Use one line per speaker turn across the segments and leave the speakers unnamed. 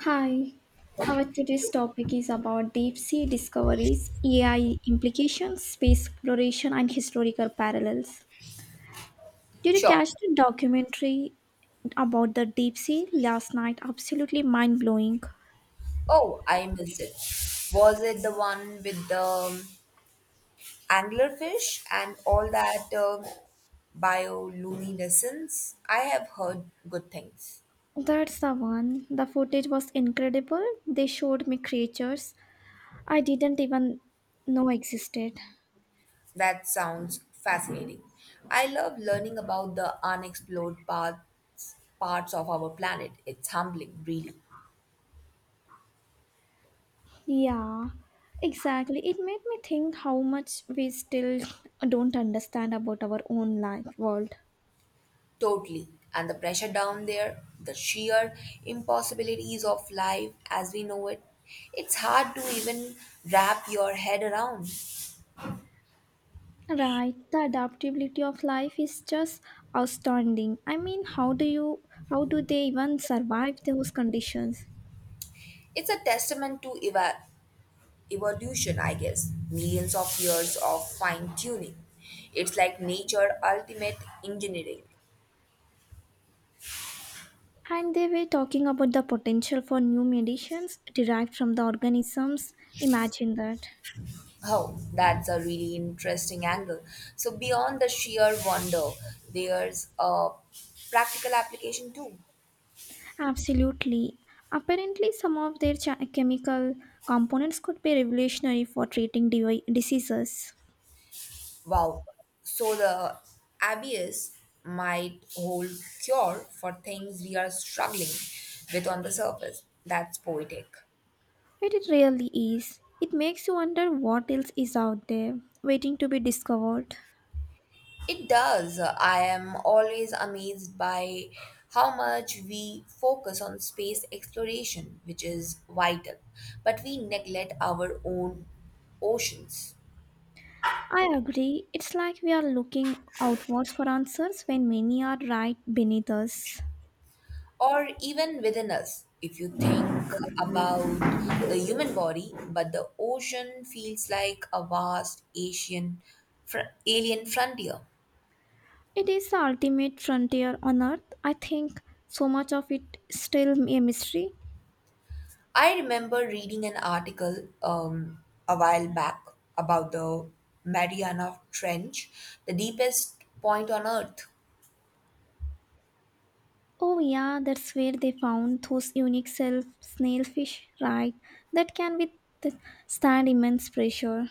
Hi, our today's topic is about deep sea discoveries, AI implications, space exploration, and historical parallels. Did you
Sure.
catch the documentary about the deep sea last night? Absolutely mind blowing.
Oh, I missed it. Was it the one with the anglerfish and all that bioluminescence? I have heard good things.
That's the one. The footage was incredible. They showed me creatures I didn't even know existed.
That sounds fascinating. I love learning about the unexplored parts of our planet. It's humbling, really.
Yeah, exactly. It made me think how much we still don't understand about our own life world.
Totally. And the pressure down there, the sheer impossibilities of life as we know it, it's hard to even wrap your head around.
Right, the adaptability of life is just astounding. I mean, how do they even survive those conditions?
It's a testament to evolution, I guess. Millions of years of fine tuning. It's like nature ultimate engineering.
And they were talking about the potential for new medicines derived from the organisms. Imagine that.
Oh, that's a really interesting angle. So, beyond the sheer wonder, there's a practical application too.
Absolutely. Apparently, some of their chemical components could be revolutionary for treating diseases.
Wow. So, the abyss might hold cure for things we are struggling with on the surface. That's poetic.
But it really is. It makes you wonder what else is out there waiting to be discovered.
It does. I am always amazed by how much we focus on space exploration, which is vital, but we neglect our own oceans
I agree. It's like we are looking outwards for answers when many are right beneath us.
or even within us. If you think about the human body, but the ocean feels like a vast Asian alien frontier.
It is the ultimate frontier on earth. I think so much of it still a mystery.
I remember reading an article a while back about the Mariana Trench, the deepest point on Earth.
Oh yeah, that's where they found those unique self snailfish, right? That can be stand immense pressure.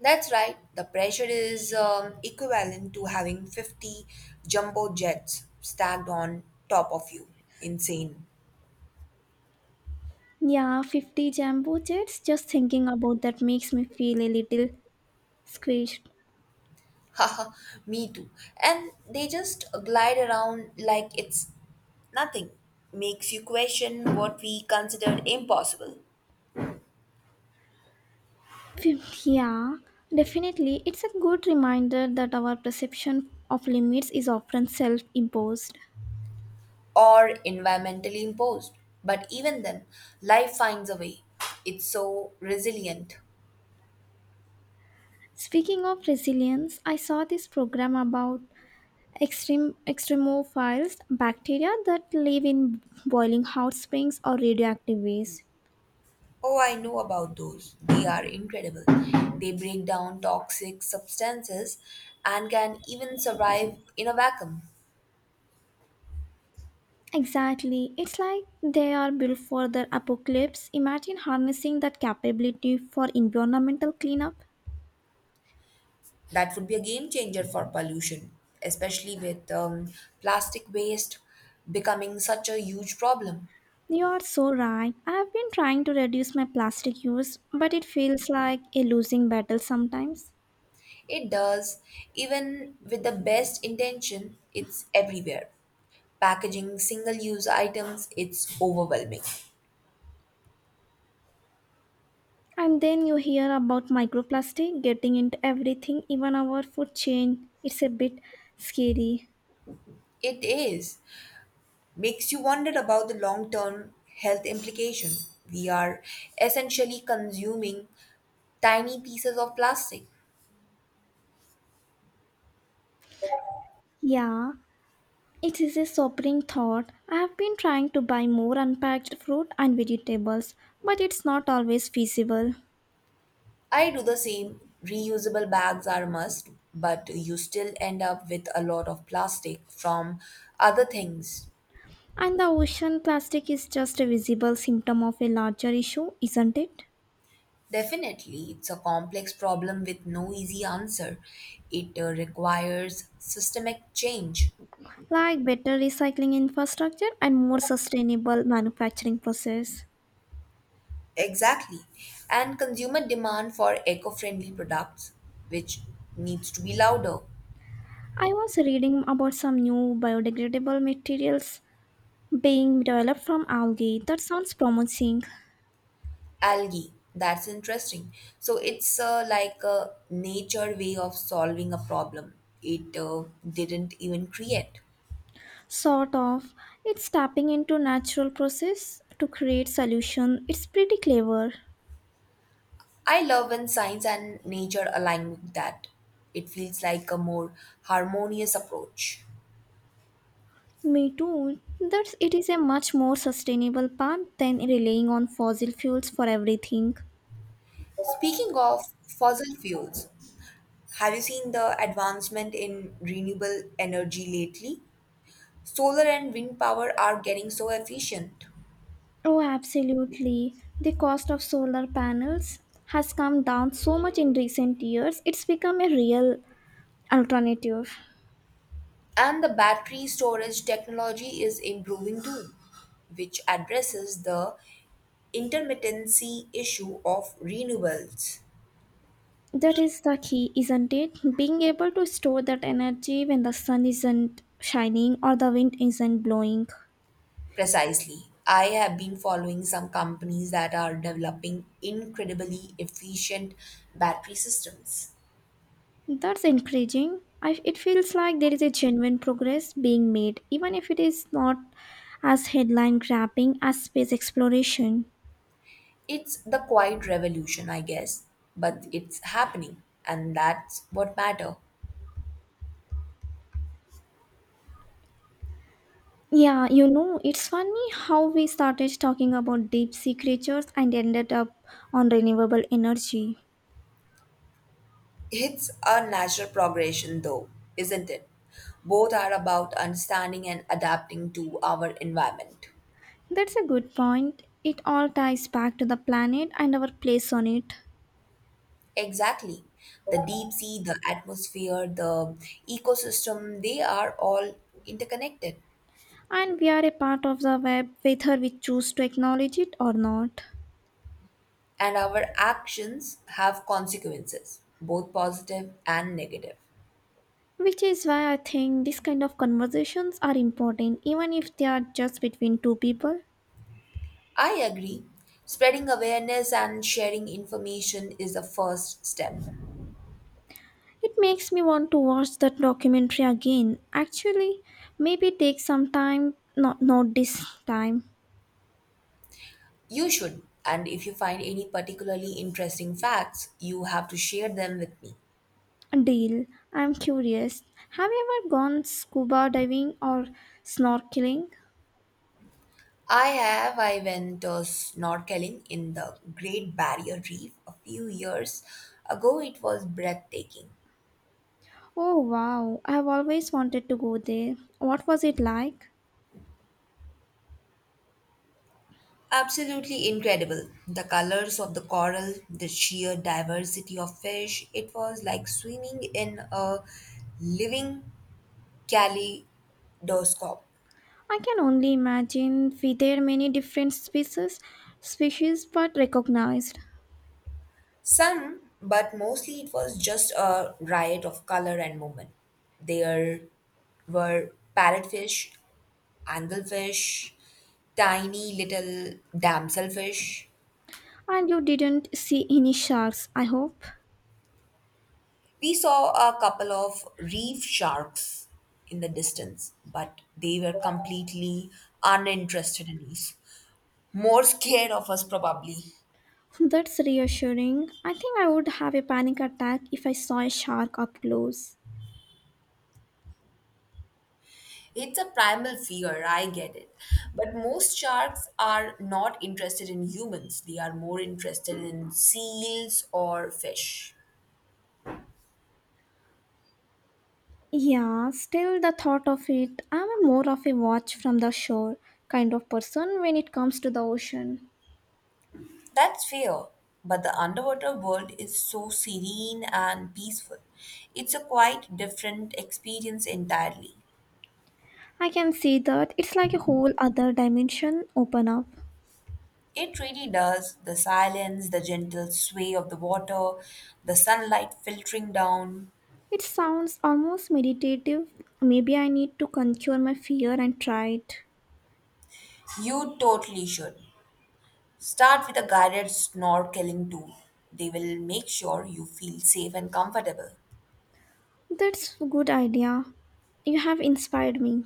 That's right, the pressure is equivalent to having 50 jumbo jets stacked on top of you. Insane.
Yeah, 50 jumbo jets. Just thinking about that makes me feel a little squished.
Haha, me too. And they just glide around like it's nothing. Makes you question what we considered impossible.
Yeah, definitely. It's a good reminder that our perception of limits is often self imposed.
Or environmentally imposed. But even then, life finds a way. It's so resilient.
Speaking of resilience, I saw this program about extreme extremophiles bacteria that live in boiling hot springs or radioactive waste.
Oh, I know about those. They are incredible. They break down toxic substances and can even survive in a vacuum.
Exactly. It's like they are built for the apocalypse. Imagine harnessing that capability for environmental cleanup.
That would be a game changer for pollution, especially with plastic waste becoming such a huge problem.
You are so right. I've been trying to reduce my plastic use, but it feels like a losing battle sometimes.
It does, even with the best intention, it's everywhere packaging, single use items, it's overwhelming.
And then you hear about microplastic getting into everything, even our food chain. It's a bit scary.
It is. Makes you wonder about the long term health implication. We are essentially consuming tiny pieces of plastic.
Yeah, it is a sobering thought. I have been trying to buy more unpacked fruit and vegetables, but it's not always feasible.
I do the same. Reusable bags are a must, but you still end up with a lot of plastic from other things.
And the ocean plastic is just a visible symptom of a larger issue, isn't it?
Definitely, it's a complex problem with no easy answer. It requires systemic change.
Like better recycling infrastructure and more sustainable manufacturing process.
Exactly. And consumer demand for eco friendly products, which needs to be louder.
I was reading about some new biodegradable materials being developed from algae. That sounds promising.
Algae, that's interesting. So it's like a nature way of solving a problem it didn't even create.
Sort of. It's tapping into natural process to create solution. It's pretty clever.
I love when science and nature align with that. It feels like a more harmonious approach.
Me too. That it is a much more sustainable path than relying on fossil fuels for everything.
Speaking of fossil fuels, have you seen the advancement in renewable energy lately? Solar and wind power are getting so efficient.
Oh, absolutely. The cost of solar panels has come down so much in recent years, it's become a real alternative.
And the battery storage technology is improving too, which addresses the intermittency issue of renewables.
That is the key, isn't it? Being able to store that energy when the sun isn't shining or the wind isn't blowing.
Precisely. I have been following some companies that are developing incredibly efficient battery systems.
That's encouraging. It feels like there is a genuine progress being made, even if it is not as headline grabbing as space exploration.
It's the quiet revolution, I guess, but it's happening, and that's what matter.
Yeah, you know, it's funny how we started talking about deep sea creatures and ended up on renewable energy.
It's a natural progression, though, isn't it? Both are about understanding and adapting to our environment.
That's a good point. It all ties back to the planet and our place on it.
Exactly. The deep sea, the atmosphere, the ecosystem, they are all interconnected.
And we are a part of the web whether we choose to acknowledge it or not.
And our actions have consequences, both positive and negative.
Which is why I think this kind of conversations are important, even if they are just between two people.
I agree. Spreading awareness and sharing information is the first step.
It makes me want to watch that documentary again. Actually, maybe take some time, not this time.
You should, and if you find any particularly interesting facts, you have to share them with me.
Deal. I'm curious. Have you ever gone scuba diving or snorkeling?
I have. I went snorkeling in the Great Barrier Reef a few years ago. It was breathtaking.
Oh wow, I've always wanted to go there. What was it like?
Absolutely incredible. The colors of the coral, the sheer diversity of fish, it was like swimming in a living kaleidoscope.
I can only imagine. Were there many different species but recognized.
Some, but mostly it was just a riot of color and movement. There were parrotfish, angelfish, tiny little damselfish.
And you didn't see any sharks, I hope.
We saw a couple of reef sharks in the distance, but they were completely uninterested in us. More scared of us, probably.
That's reassuring. I think I would have a panic attack if I saw a shark up close.
It's a primal fear, I get it. But most sharks are not interested in humans, they are more interested in seals or fish.
Yeah, still the thought of it, I'm a more of a watch from the shore kind of person when it comes to the ocean.
That's fair, but the underwater world is so serene and peaceful. It's a quite different experience entirely.
I can see that it's like a whole other dimension open up.
It really does. The silence, the gentle sway of the water, the sunlight filtering down.
It sounds almost meditative. Maybe I need to conquer my fear and try it.
You totally should. Start with a guided snorkeling tour. They will make sure you feel safe and comfortable.
That's a good idea. You have inspired me.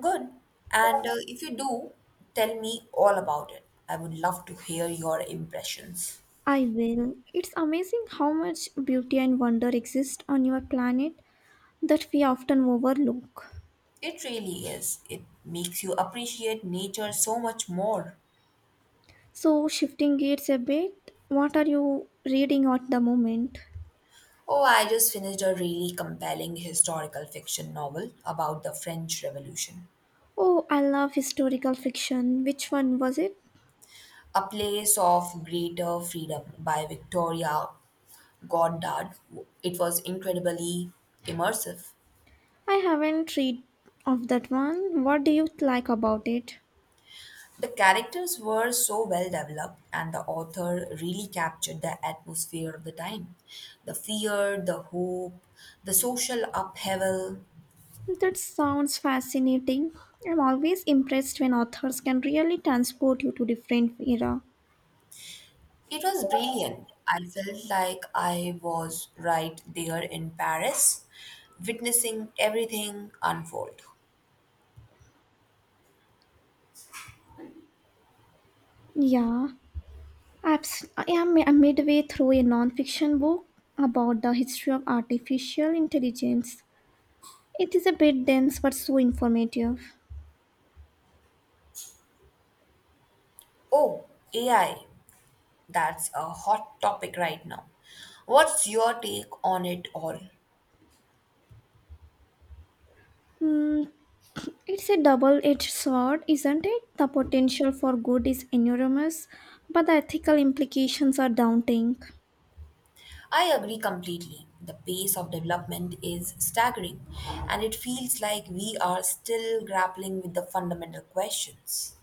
Good. And if you do, tell me all about it. I would love to hear your impressions.
I will. It's amazing how much beauty and wonder exist on your planet that we often overlook.
It really is. It makes you appreciate nature so much more.
So, shifting gears a bit, what are you reading at the moment?
Oh, I just finished a really compelling historical fiction novel about the French Revolution.
Oh, I love historical fiction. Which one was it?
A Place of Greater Freedom by Victoria Goddard, it was incredibly immersive.
I haven't read of that one. What do you like about it?
The characters were so well developed, and the author really captured the atmosphere of the time the fear, the hope, the social upheaval.
That sounds fascinating. I'm always impressed when authors can really transport you to different era.
It was brilliant. I felt like I was right there in Paris, witnessing everything unfold.
Yeah, I'm midway through a non-fiction book about the history of artificial intelligence. It is a bit dense but so informative.
Oh, AI, that's a hot topic right now. What's your take on it all?
Hmm, it's a double edged sword, isn't it? The potential for good is enormous, but the ethical implications are daunting.
I agree completely. The pace of development is staggering, and it feels like we are still grappling with the fundamental questions.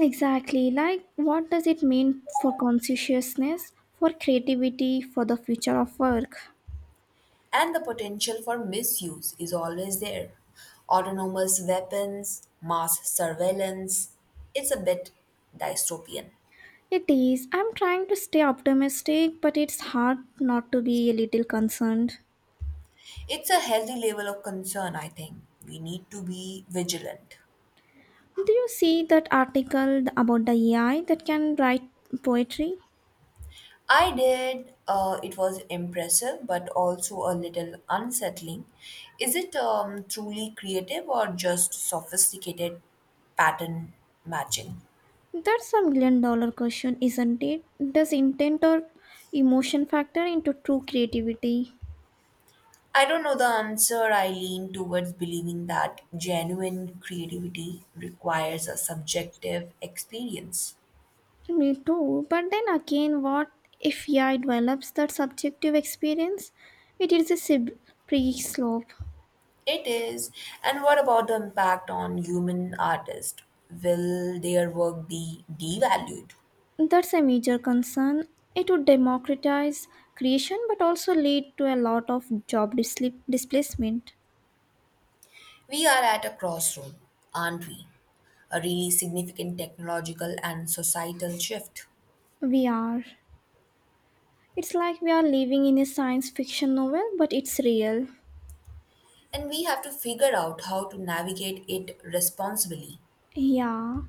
Exactly, like what does it mean for consciousness, for creativity, for the future of work?
And the potential for misuse is always there. Autonomous weapons, mass surveillance. It's a bit dystopian.
It is. I'm trying to stay optimistic, but it's hard not to be a little concerned.
It's a healthy level of concern, I think. We need to be vigilant.
Do you see that article about the AI that can write poetry?
I did. It was impressive, but also a little unsettling. Is it truly creative or just sophisticated pattern matching?
That's a million dollar question, isn't it? Does intent or emotion factor into true creativity?
I don't know the answer. I lean towards believing that genuine creativity requires a subjective experience.
Me too, but then again, what if AI develops that subjective experience? It is a pre slope.
It is. And what about the impact on human artists? Will their work be devalued?
That's a major concern. It would democratize creation but also lead to a lot of displacement.
We are at a crossroad, aren't we? A really significant technological and societal shift.
We are. It's like we are living in a science fiction novel, but it's real.
And we have to figure out how to navigate it responsibly.
Yeah.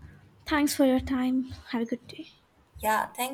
Thanks for your time. Have a good day.
Yeah, thank you.